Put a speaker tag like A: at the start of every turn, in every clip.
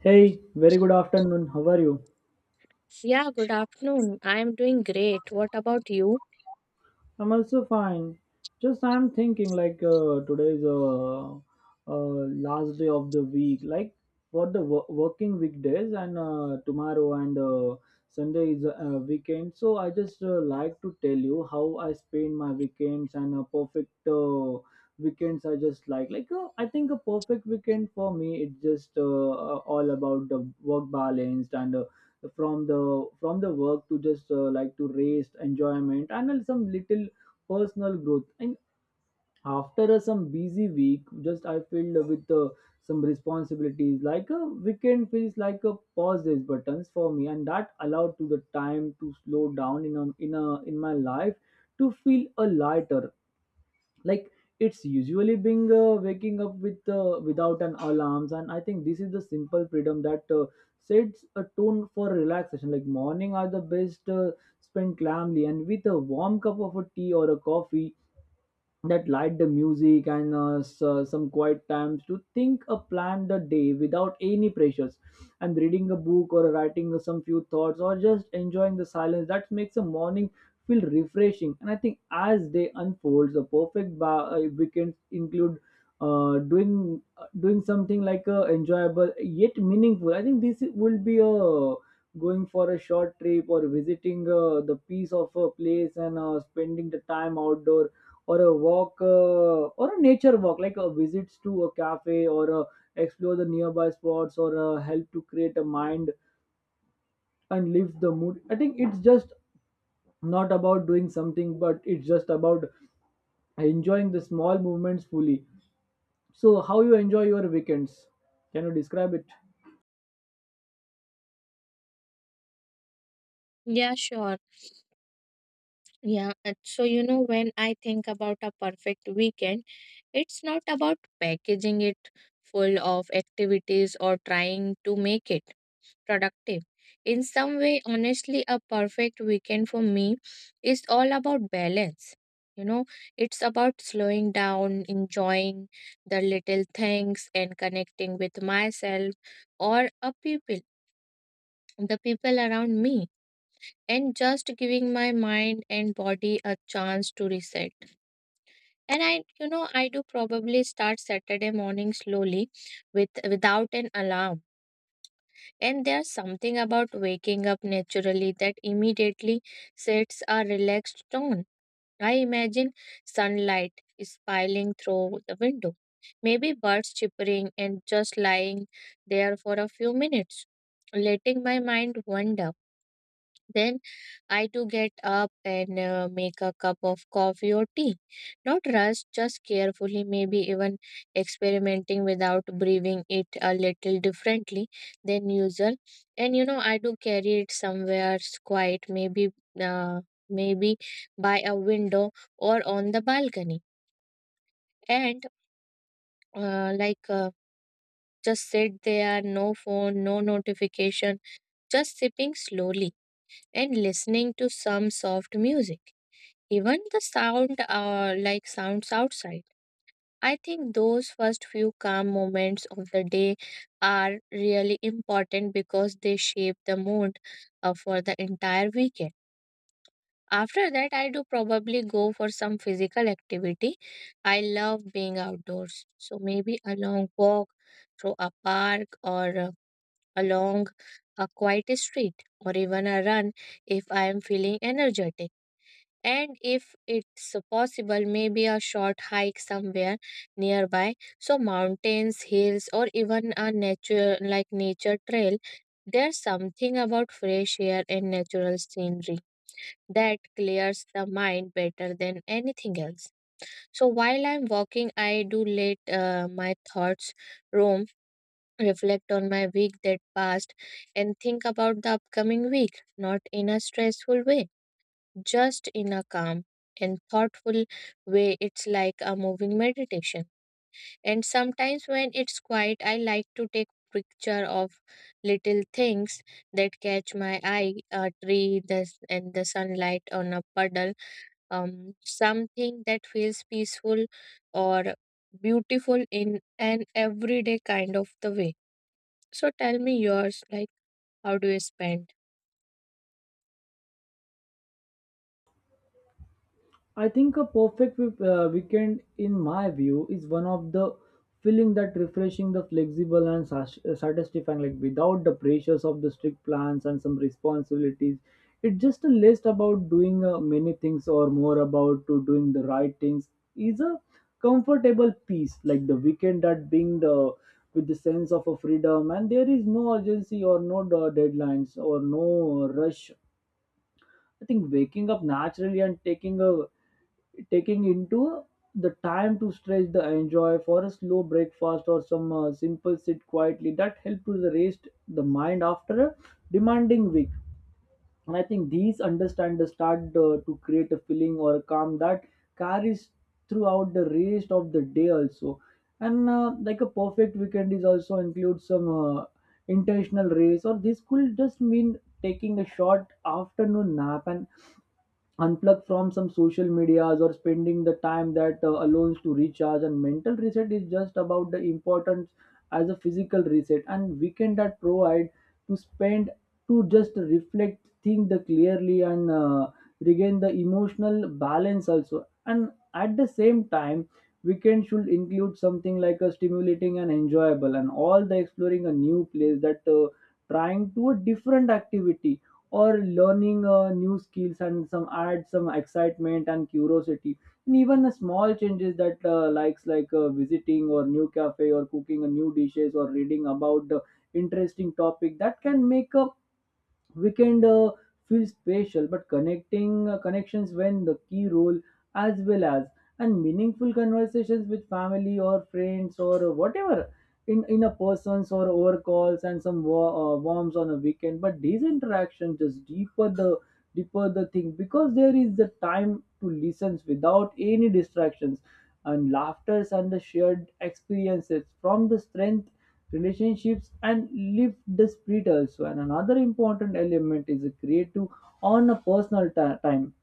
A: Hey, very good afternoon. How are you?
B: Yeah, good afternoon. I am doing great. What about you?
A: I'm also fine. Just I'm thinking like today's last day of the week, like what the working weekdays and tomorrow and Sunday is a weekend. So I just like to tell you how I spend my weekends and a perfect weekends. I just like I think a perfect weekend for me, it's just all about the work balanced and from the work to just like to rest enjoyment, and then some little personal growth. And after some busy week, just I filled with some responsibilities, like a weekend feels like a pause these buttons for me, and that allowed to the time to slow down in my life to feel a lighter, like it's usually being waking up without an alarms. And I think this is the simple freedom that sets a tone for relaxation, like morning are the best spent calmly and with a warm cup of a tea or a coffee, that light the music and some quiet times to think a plan the day without any pressures. And reading a book or writing some few thoughts or just enjoying the silence that makes a morning feel refreshing. And I think as day unfolds, a perfect weekend include doing something like enjoyable yet meaningful. I think this will be a going for a short trip or visiting the piece of a place and spending the time outdoor or a walk or a nature walk, like a visits to a cafe or explore the nearby spots or help to create a mind and lift the mood. I think it's just not about doing something, but it's just about enjoying the small movements fully. So, how you enjoy your weekends? Can you describe it?
B: Yeah, sure. Yeah. and So, you know, when I think about a perfect weekend, it's not about packaging it full of activities or trying to make it productive. In some way, honestly, a perfect weekend for me is all about balance. You know, it's about slowing down, enjoying the little things, and connecting with myself or a people the people around me, and just giving my mind and body a chance to reset. And I do probably start Saturday morning slowly with without an alarm. And there's something about waking up naturally that immediately sets a relaxed tone. I imagine sunlight spilling through the window, maybe birds chirping, and just lying there for a few minutes, letting my mind wander. Then I too get up and make a cup of coffee or tea. Not rush, just carefully, maybe even experimenting without breathing it a little differently than usual. And you know, I do carry it somewhere quiet, maybe, uh, maybe by a window or on the balcony. And uh, like, uh, just sit there, no phone, no notification, just sipping slowly and listening to some soft music. Even the sounds outside. I think those first few calm moments of the day are really important because they shape the mood for the entire weekend. After that, I do probably go for some physical activity. I love being outdoors, so maybe a long walk through a park, or along a quiet street, or even a run if I am feeling energetic. And if it's possible, maybe a short hike somewhere nearby. So mountains, hills, or even a nature trail. There's something about fresh air and natural scenery that clears the mind better than anything else. So while I'm walking, I do let my thoughts roam, reflect on my week that passed, and think about the upcoming week, not in a stressful way, just in a calm and thoughtful way. It's like a moving meditation. And sometimes when it's quiet, I like to take picture of little things that catch my eye, a tree, and the sunlight on a puddle, something that feels peaceful or beautiful in an everyday kind of the way. So tell me yours, like, how do you spend?
A: I think a perfect weekend, in my view, is one of the feeling that refreshing, the flexible and satisfying, like without the pressures of the strict plans and some responsibilities. It's just a list about doing many things or more about to doing the right things. Is a comfortable peace, like the weekend that being the with the sense of a freedom, and there is no urgency or no deadlines or no rush. I think waking up naturally and taking into the time to stretch, the enjoy for a slow breakfast or some simple sit quietly that help to the rest the mind after a demanding week. And I think these understand the start to create a feeling or a calm that carries throughout the rest of the day also. And like a perfect weekend is also include some intentional race, or this could just mean taking a short afternoon nap and unplug from some social medias or spending the time that alone to recharge, and mental reset is just about the importance as a physical reset. And weekend that provide to spend to just reflect think the clearly and regain the emotional balance also. And at the same time, weekend should include something like a stimulating and enjoyable, and all the exploring a new place that trying to a different activity or learning new skills, and some add some excitement and curiosity. And even the small changes that like visiting or new cafe or cooking a new dishes or reading about the interesting topic that can make a weekend feels special, but connecting connections when the key role as well as, and meaningful conversations with family or friends or whatever in a persons or over calls, and some warms on a weekend. But these interactions just deeper the thing because there is the time to listen without any distractions, and laughters and the shared experiences from the strength relationships, and lift the spirit also. And another important element is a creative on a personal time,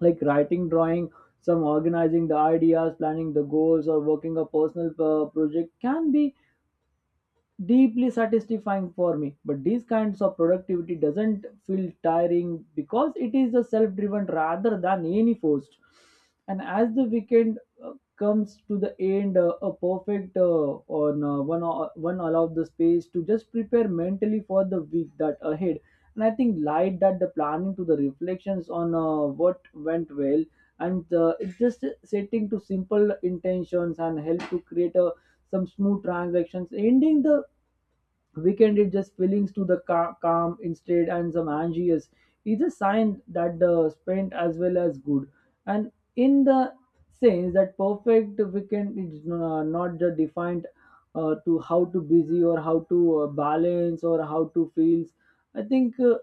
A: like writing, drawing, some organizing the ideas, planning the goals, or working a personal project can be deeply satisfying for me. But these kinds of productivity doesn't feel tiring because it is a self-driven rather than any forced. And as the weekend comes to the end, a perfect one allow the space to just prepare mentally for the week that ahead. And I think light that the planning to the reflections on what went well, and it's just setting to simple intentions and help to create a some smooth transactions ending the weekend. It just feelings to the calm instead, and some anxious is a sign that the spent as well as good. And in the sense that perfect weekend is not the defined, to how to busy or how to balance or how to feels. I think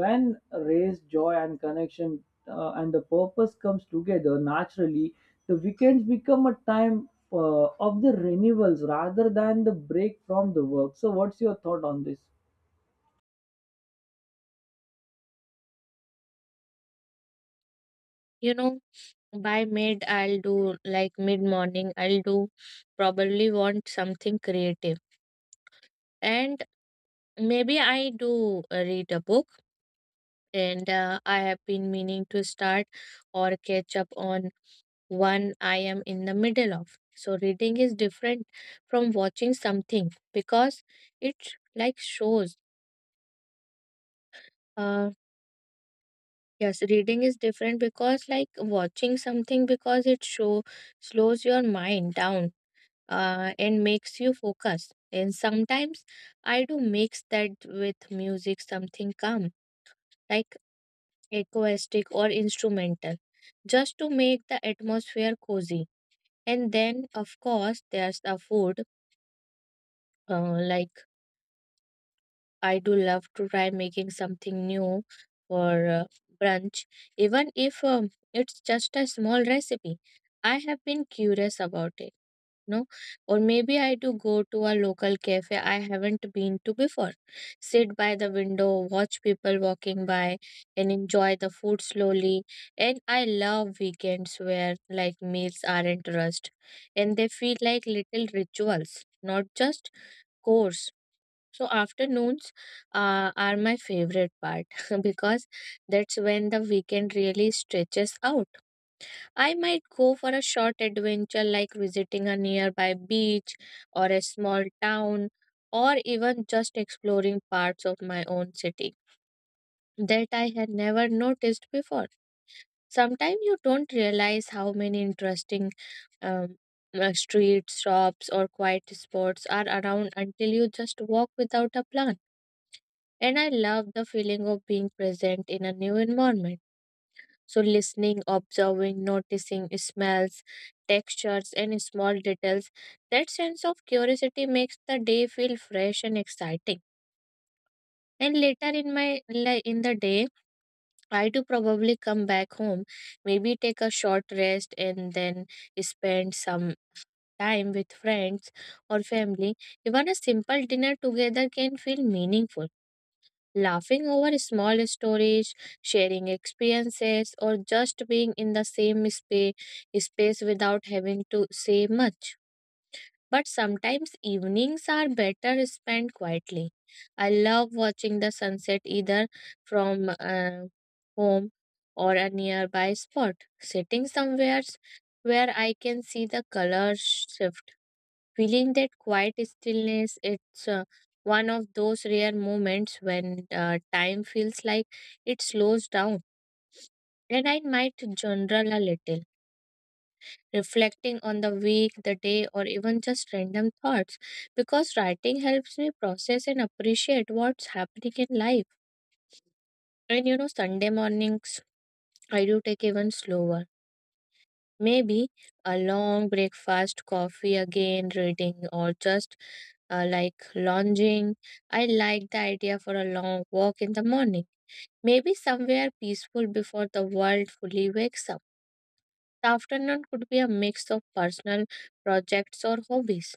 A: when race joy and connection and the purpose comes together naturally, the weekends become a time of the renewals rather than the break from the work. So, what's your thought on this?
B: You know, by mid morning I'll do probably want something creative, and maybe I do read a book. And I have been meaning to start or catch up on one I am in the middle of. So reading is different from watching something because it like shows uh yes reading is different because like watching something because it show slows your mind down, and makes you focus. And sometimes I do mix that with music, something calm, like acoustic or instrumental, just to make the atmosphere cozy. And then, of course, there's the food. uh, like I do love to try making something new for brunch, even if it's just a small recipe I have been curious about, it, no? Or maybe I do go to a local cafe I haven't been to before, sit by the window, watch people walking by, and enjoy the food slowly. And I love weekends where like meals aren't rushed and they feel like little rituals, not just course. So afternoons are my favorite part because that's when the weekend really stretches out. I might go for a short adventure, like visiting a nearby beach or a small town, or even just exploring parts of my own city that I had never noticed before. Sometimes you don't realize how many interesting um, streets, shops, or quiet spots are around until you just walk without a plan. And I love the feeling of being present in a new environment. So, listening, observing, noticing smells, textures, and small details, that sense of curiosity makes the day feel fresh and exciting. And later in the day, I do probably come back home, maybe take a short rest, and then spend some time with friends or family. Even a simple dinner together can feel meaningful. Laughing over small stories, sharing experiences, or just being in the same space without having to say much. But sometimes evenings are better spent quietly. I love watching the sunset either from home or a nearby spot, sitting somewhere where I can see the colors shift, feeling that quiet stillness. It's one of those rare moments when time feels like it slows down. And I might journal a little, reflecting on the week, the day, or even just random thoughts, because writing helps me process and appreciate what's happening in life. And you know, Sunday mornings I do take even slower. Maybe a long breakfast, coffee again, reading, or just lounging. I like the idea for a long walk in the morning. Maybe somewhere peaceful before the world fully wakes up. The afternoon could be a mix of personal projects or hobbies.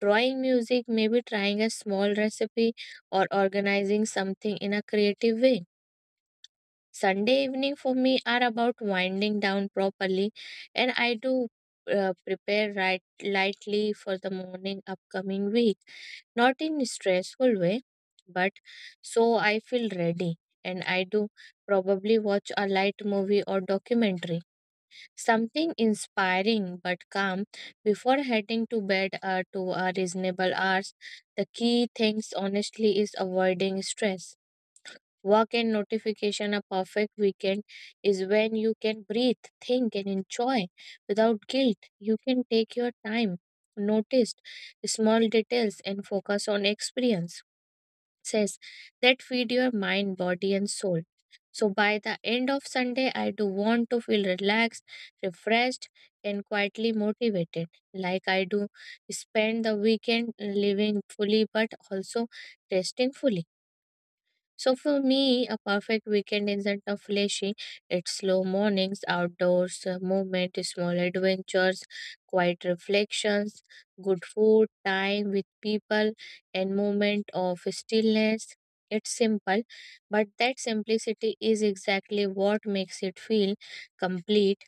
B: Drawing, music, maybe trying a small recipe or organizing something in a creative way. Sunday evening for me are about winding down properly, and I do prepare right lightly for the morning upcoming week, not in stressful way, but so I feel ready. And I do probably watch a light movie or documentary, something inspiring but calm before heading to bed to a reasonable hours. The key things honestly is avoiding stress. Work and notification, a perfect weekend is when you can breathe, think, and enjoy without guilt. You can take your time, notice small details, and focus on experience. Says that feed your mind, body, and soul. So by the end of Sunday, I do want to feel relaxed, refreshed, and quietly motivated. Like I do spend the weekend living fully, but also testing fully. So for me, a perfect weekend isn't a flashy. It's slow mornings, outdoors, movement, small adventures, quiet reflections, good food, time with people, and moment of stillness. It's simple, but that simplicity is exactly what makes it feel complete.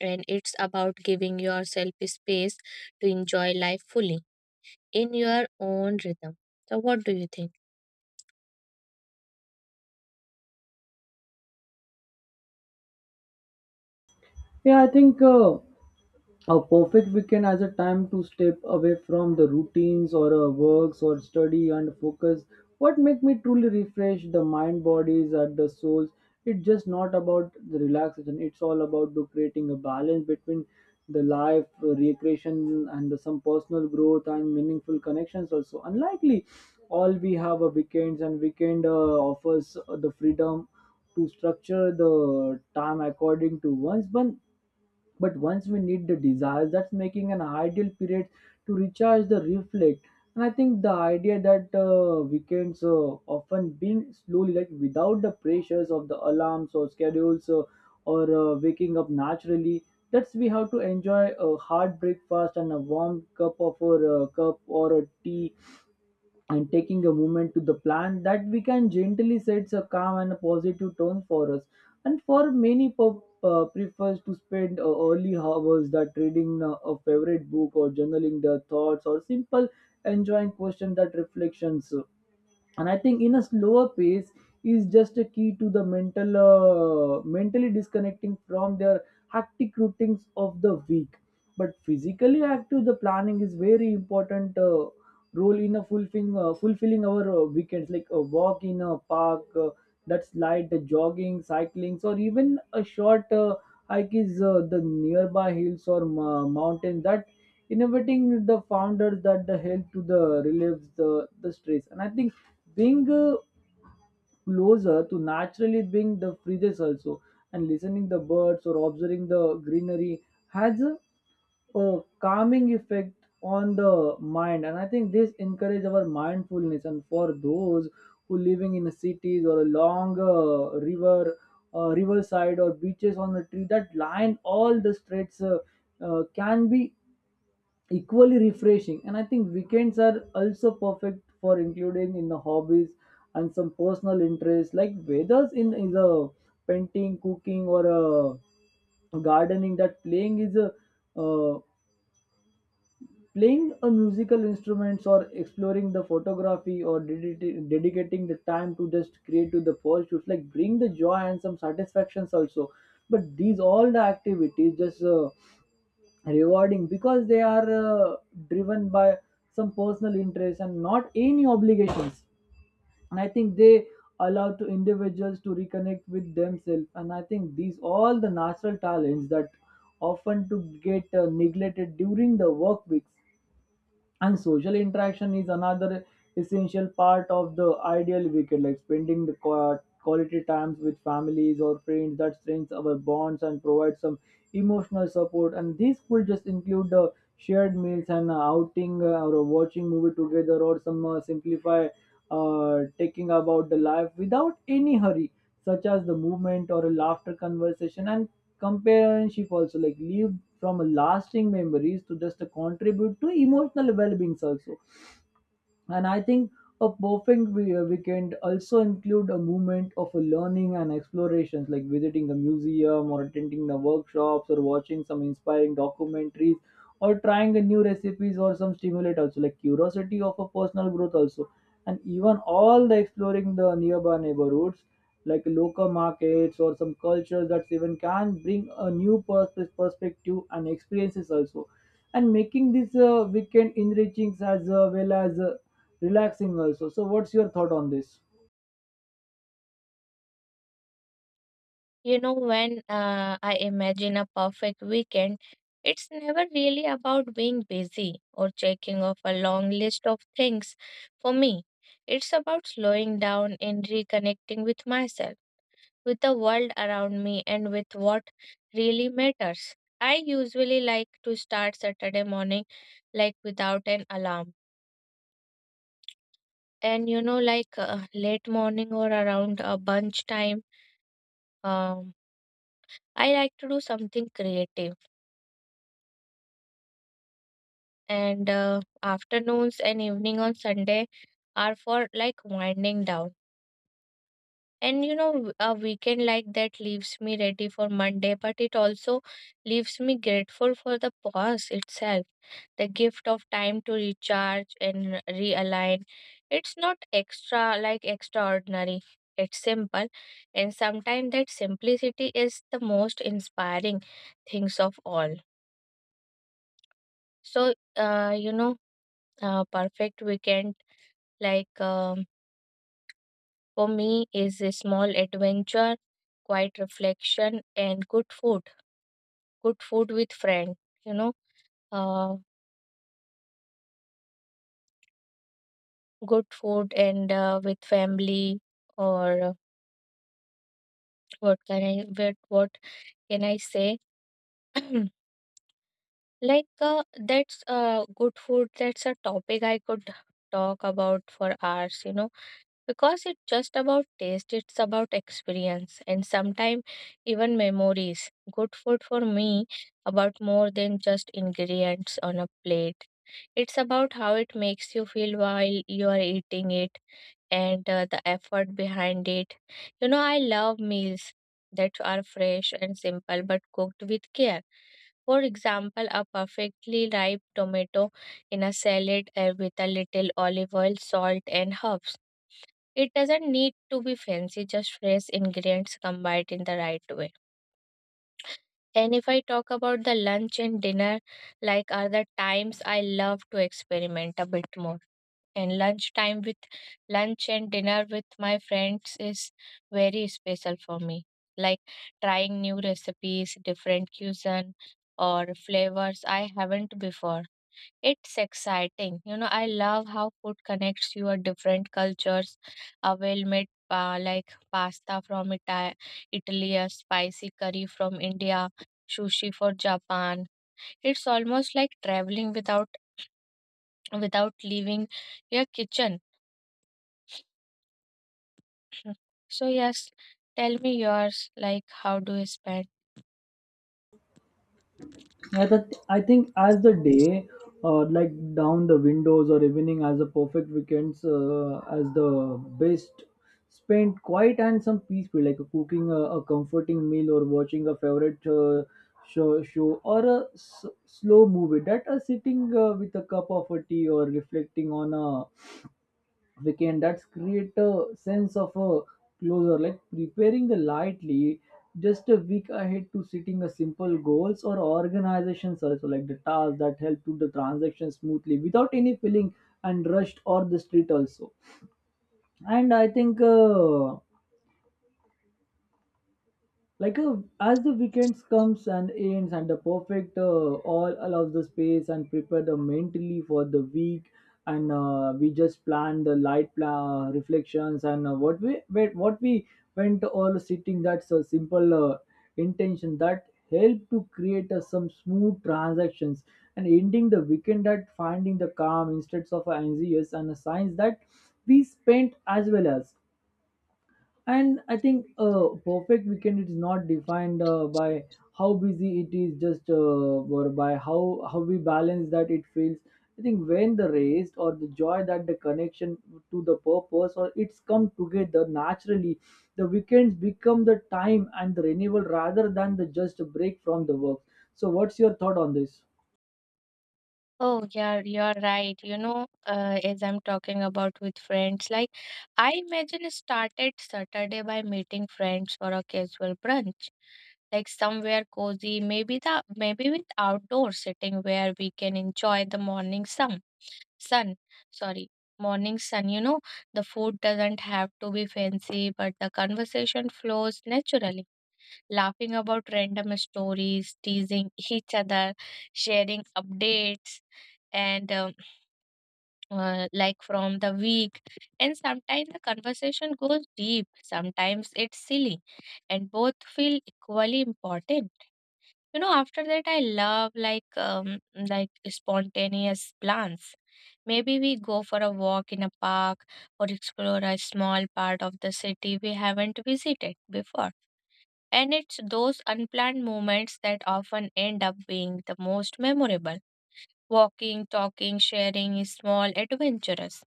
B: And it's about giving yourself space to enjoy life fully in your own rhythm. So, what do you think?
A: Yeah, I think, a perfect weekend as a time to step away from the routines or works or study and focus. What make me truly refresh the mind, bodies, and the souls? It's just not about the relaxation. It's all about the creating a balance between the life, recreation, and some personal growth and meaningful connections. Also, unlikely, all we have a weekends, and weekend offers the freedom to structure the time according to one's one. But once we need the desires, that's making an ideal period to recharge the reflect. And I think the idea that weekends often being slowly, like without the pressures of the alarms or schedules, or waking up naturally, that's we have to enjoy a hard breakfast and a warm cup of or cup or a tea, and taking a moment to the plan that we can gently sets a calm and a positive tone for us. And for many prefers to spend early hours that reading a favorite book or journaling their thoughts or simple enjoying question that reflections. And I think in a slower pace is just a key to the mentally disconnecting from their hectic routines of the week. But physically active the planning is very important role in a fulfilling our weekends, like a walk in a park, that's light the jogging, cycling, or even a short hike is the nearby hills or mountains that innovating the founders that the help to the relieves the stress. And I think being closer to naturally being the freezes also, and listening the birds or observing the greenery has a calming effect on the mind. And I think this encourage our mindfulness, and for those who living in cities or along riverside or beaches on the tree that line all the streets can be equally refreshing. And I think weekends are also perfect for including in the hobbies and some personal interests, like whether in the painting, cooking, or gardening, that uh, playing a musical instruments or exploring the photography or dedicating the time to just create to the pursuits, like bring the joy and some satisfactions also. But these all the activities just rewarding because they are driven by some personal interest, and not any obligations. And I think they allow to individuals to reconnect with themselves, and I think these all the natural talents that often to get neglected during the work weeks. And social interaction is another essential part of the ideal weekend, like spending the quality times with families or friends that strengthens our bonds and provides some emotional support. And these could just include the shared meals and outing or watching movie together or some simplify taking about the life without any hurry, such as the movement or a laughter conversation and companionship also, like lived from a lasting memories to just a contribute to emotional well-being also. And I think a perfect weekend also include a movement of a learning and explorations, like visiting a museum or attending the workshops or watching some inspiring documentaries or trying a new recipes or some stimulate also, like curiosity of a personal growth also. And even all the exploring the nearby neighborhoods, like local markets or some cultures that even can bring a new perspective and experiences also, and making this weekend enriching as well as relaxing also. So, what's your thought on This
B: You know, when I imagine a perfect weekend, it's never really about being busy or checking off a long list of things. For me, it's about slowing down and reconnecting with myself, with the world around me, and with what really matters. I usually like to start Saturday morning like without an alarm. And you know, like late morning or around bunch time, um, I like to do something creative. And afternoons and evening on Sunday are for like winding down. And you know, a weekend like that leaves me ready for Monday, but it also leaves me grateful for the pause itself, the gift of time to recharge and realign. It's not extraordinary, it's simple, and sometimes that simplicity is the most inspiring things of all. So, you know, perfect weekend, like, for me, is a small adventure, quiet reflection, and good food. Good food with friend. You know, uh, good food and with family. Or what can I, what can I say? like that's good food. That's a topic I could talk about for hours. You know, because it's just about taste, it's about experience, and sometimes even memories. Good food for me about more than just ingredients on a plate. It's about how it makes you feel while you are eating it, and the effort behind it. You know, I love meals that are fresh and simple but cooked with care. For example, a perfectly ripe tomato in a salad with a little olive oil, salt and herbs. It doesn't need to be fancy, just fresh ingredients combined in the right way. And if I talk about the lunch and dinner, like are the times I love to experiment a bit more. And lunch and dinner with my friends is very special for me. Like trying new recipes, different cuisine or flavors I haven't before, it's exciting. You know, I love how food connects you at different cultures. A well-made pa like pasta from Italy, a spicy curry from India, sushi for Japan. It's almost like traveling without leaving your kitchen. So yes, tell me yours. Like, how do you spend?
A: I think as the day like down the windows or evening as a perfect weekends as the best spent quiet and some peaceful, like cooking a comforting meal or watching a favorite show or a slow movie that are sitting with a cup of a tea or reflecting on a we can that's create a sense of a closer, like preparing the lightly just a week ahead to setting a simple goals or organizations also, like the tasks that help to the transaction smoothly without any feeling and rushed or the street also. And I think like as the weekends comes and ends and the perfect all allows the space and prepare the mentally for the week, and we just plan the light plan reflections and what we wait, what we went all sitting, that's a simple intention that help to create some smooth transactions and ending the weekend at finding the calm instead of anxious and a signs that we spent as well as. And I think a perfect weekend is not defined by how busy it is, just or by how we balance that it feels. I think when the rest or the joy that the connection to the purpose or it's come together naturally, the weekends become the time and the renewal rather than the just a break from the work. So, what's your thought on this?
B: Oh, yeah, you're right. You know, as I'm talking about with friends, like I imagine started Saturday by meeting friends for a casual brunch, like somewhere cozy, maybe the maybe with outdoor sitting where we can enjoy the Sun, sorry, morning sun. You know, the food doesn't have to be fancy, but the conversation flows naturally, laughing about random stories, teasing each other, sharing updates and from the week. And sometimes the conversation goes deep, sometimes it's silly, and both feel equally important. You know, after that I love, like, spontaneous plans. Maybe we go for a walk in a park or explore a small part of the city we haven't visited before. And it's those unplanned moments that often end up being the most memorable, walking, talking, sharing is small, adventurous,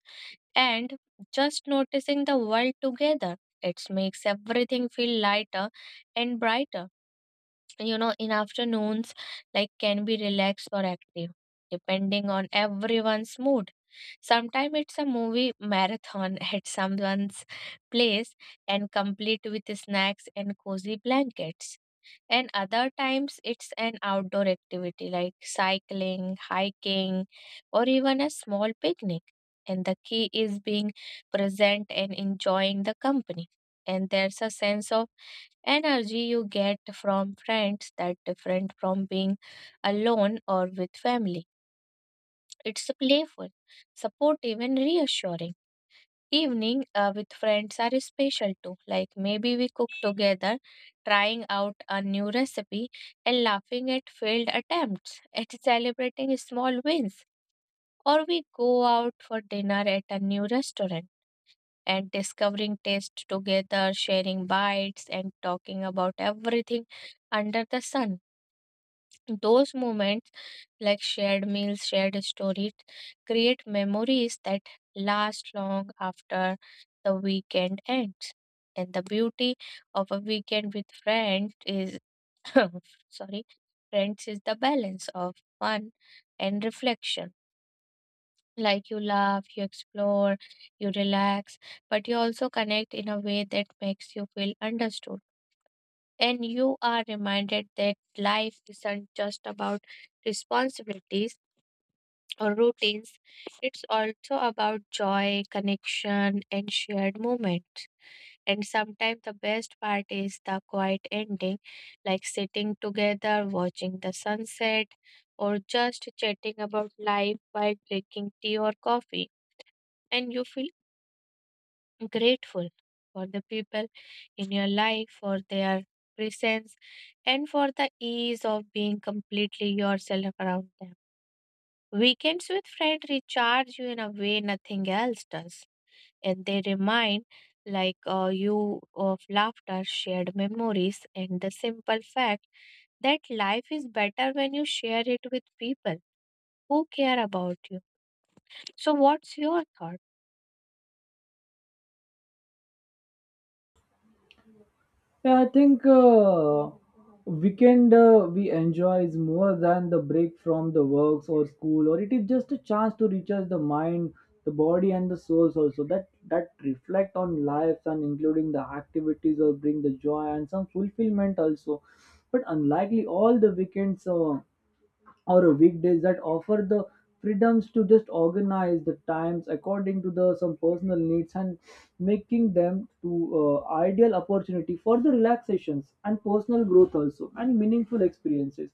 B: and just noticing the world together. It makes everything feel lighter and brighter. You know, in afternoons, like can be relaxed or active, depending on everyone's mood. Sometimes it's a movie marathon at someone's place and complete with snacks and cozy blankets, and other times it's an outdoor activity like cycling, hiking, or even a small picnic. And the key is being present and enjoying the company. And there's a sense of energy you get from friends that different from being alone or with family. It's playful, supportive, and reassuring. Evening with friends are special too. Like maybe we cook together, trying out a new recipe and laughing at failed attempts, at celebrating small wins. Or we go out for dinner at a new restaurant and discovering taste together, sharing bites and talking about everything under the sun. Those moments, like shared meals, shared stories, create memories that last long after the weekend ends. And the beauty of a weekend with friends is, sorry, friends is the balance of fun and reflection. Like you laugh, you explore, you relax, but you also connect in a way that makes you feel understood, and you are reminded that life isn't just about responsibilities or routines, it's also about joy, connection, and shared moments. And sometimes the best part is the quiet ending, like sitting together, watching the sunset, or just chatting about life while drinking tea or coffee. And you feel grateful for the people in your life, for their presence, and for the ease of being completely yourself around them. Weekends with friends recharge you in a way nothing else does, and they remind you of laughter, shared memories, and the simple fact that life is better when you share it with people who care about you. So, what's your thought?
A: Yeah, I think weekend we enjoy is more than the break from the works or school, or it is just a chance to recharge the mind, the body, and the souls also. That reflect on lives and including the activities or bring the joy and some fulfillment also. But unlikely, all the weekends. Or weekdays that offer the freedoms to just organize the times according to the some personal needs and making them to ideal opportunity for the relaxations and personal growth also and meaningful experiences,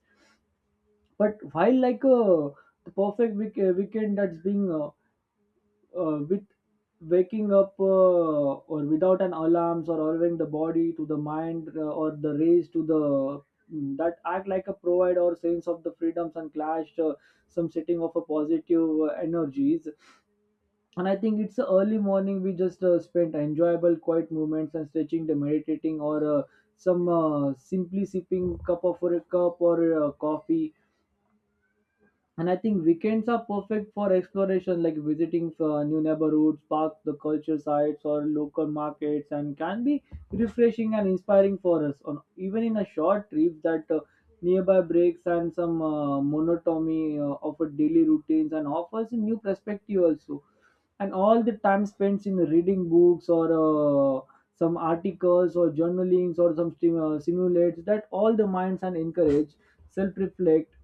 A: but while like the perfect weekend that's being with waking up or without an alarms or allowing the body to the mind or the race to the that act like a provide or sense of the freedoms and clash some setting of a positive energies. And I think it's a early morning we just spent enjoyable quiet moments and stretching the meditating or some simply sipping cup of a cup or coffee. And I think weekends are perfect for exploration, like visiting new neighborhoods, parks, the culture sites, or local markets, and can be refreshing and inspiring for us. On even in a short trip, that nearby breaks and some monotony of a daily routines and offers a new perspective also. And all the time spent in reading books or some articles or journalings or some simulates that all the minds and encourage self-reflect,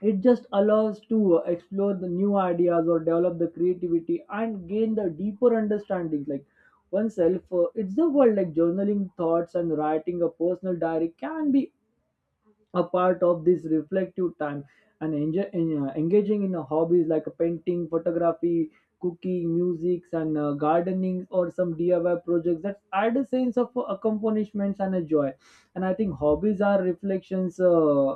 A: it just allows to explore the new ideas or develop the creativity and gain the deeper understanding like oneself, it's the world, like journaling thoughts and writing a personal diary can be a part of this reflective time and engaging in a hobbies like a painting, photography, cooking, music, and gardening or some DIY projects that add a sense of accomplishments and a joy. And I think hobbies are reflections,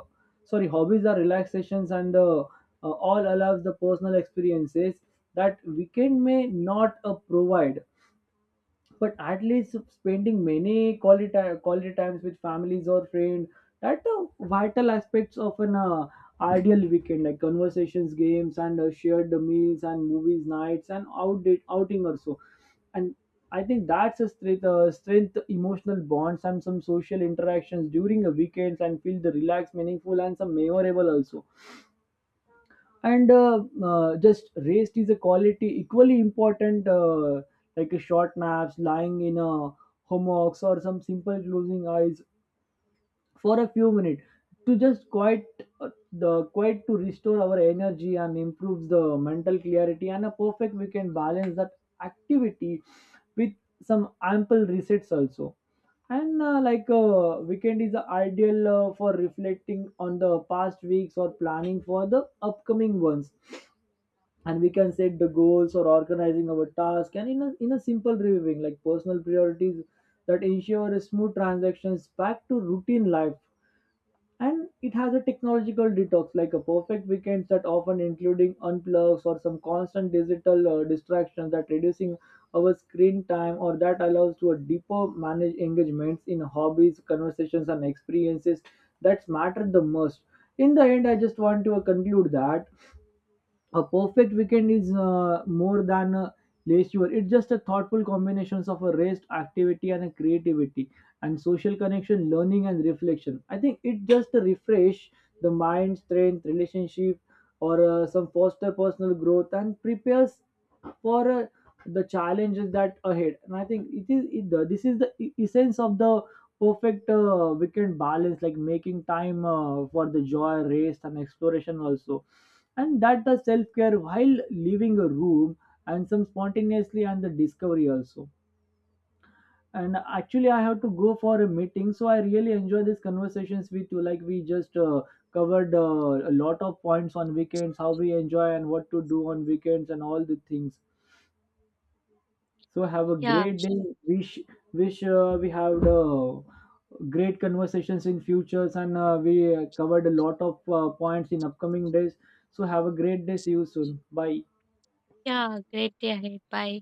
A: sorry, hobbies are relaxations and all allows the personal experiences that weekend may not provide, but at least spending many quality times with families or friends, that the vital aspects of an ideal weekend, like conversations, games, and shared meals and movies nights and outdate outing or so. And I think that's a strength emotional bonds and some social interactions during the weekends and feel the relaxed, meaningful, and some memorable also. And just rest is a quality equally important, like a short naps lying in a hammocks or some simple closing eyes for a few minutes to just quite, the quite to restore our energy and improves the mental clarity, and a perfect we can balance that activity with some ample resets also. And like weekend is the ideal for reflecting on the past weeks or planning for the upcoming ones, and we can set the goals or organizing our task and in a simple reviewing, like personal priorities that ensure a smooth transactions back to routine life. And it has a technological detox, like a perfect weekends that often including unplugs or some constant digital distractions that reducing our screen time or that allows to a deeper manage engagements in hobbies, conversations, and experiences that matter the most. In the end, I just want to conclude that a perfect weekend is more than a leisure, it's just a thoughtful combinations of a rest, activity, and a creativity and social connection, learning, and reflection. I think it just refresh the mind, strength relationship, or some foster personal growth and prepares for the challenges that ahead. And I think it is it, the- this is the essence of the perfect weekend balance, like making time for the joy, rest, and exploration also, and that the self-care while leaving a room and some spontaneously and the discovery also. And actually, I have to go for a meeting, so I really enjoy these conversations with you, like we just covered a lot of points on weekends, how we enjoy and what to do on weekends and all the things, so have a
B: Yeah,
A: great day. wish Wish we have the great conversations in futures and we covered a lot of points in upcoming days, so have a great day, see you soon, bye.
B: yeah, great day ahead. Bye.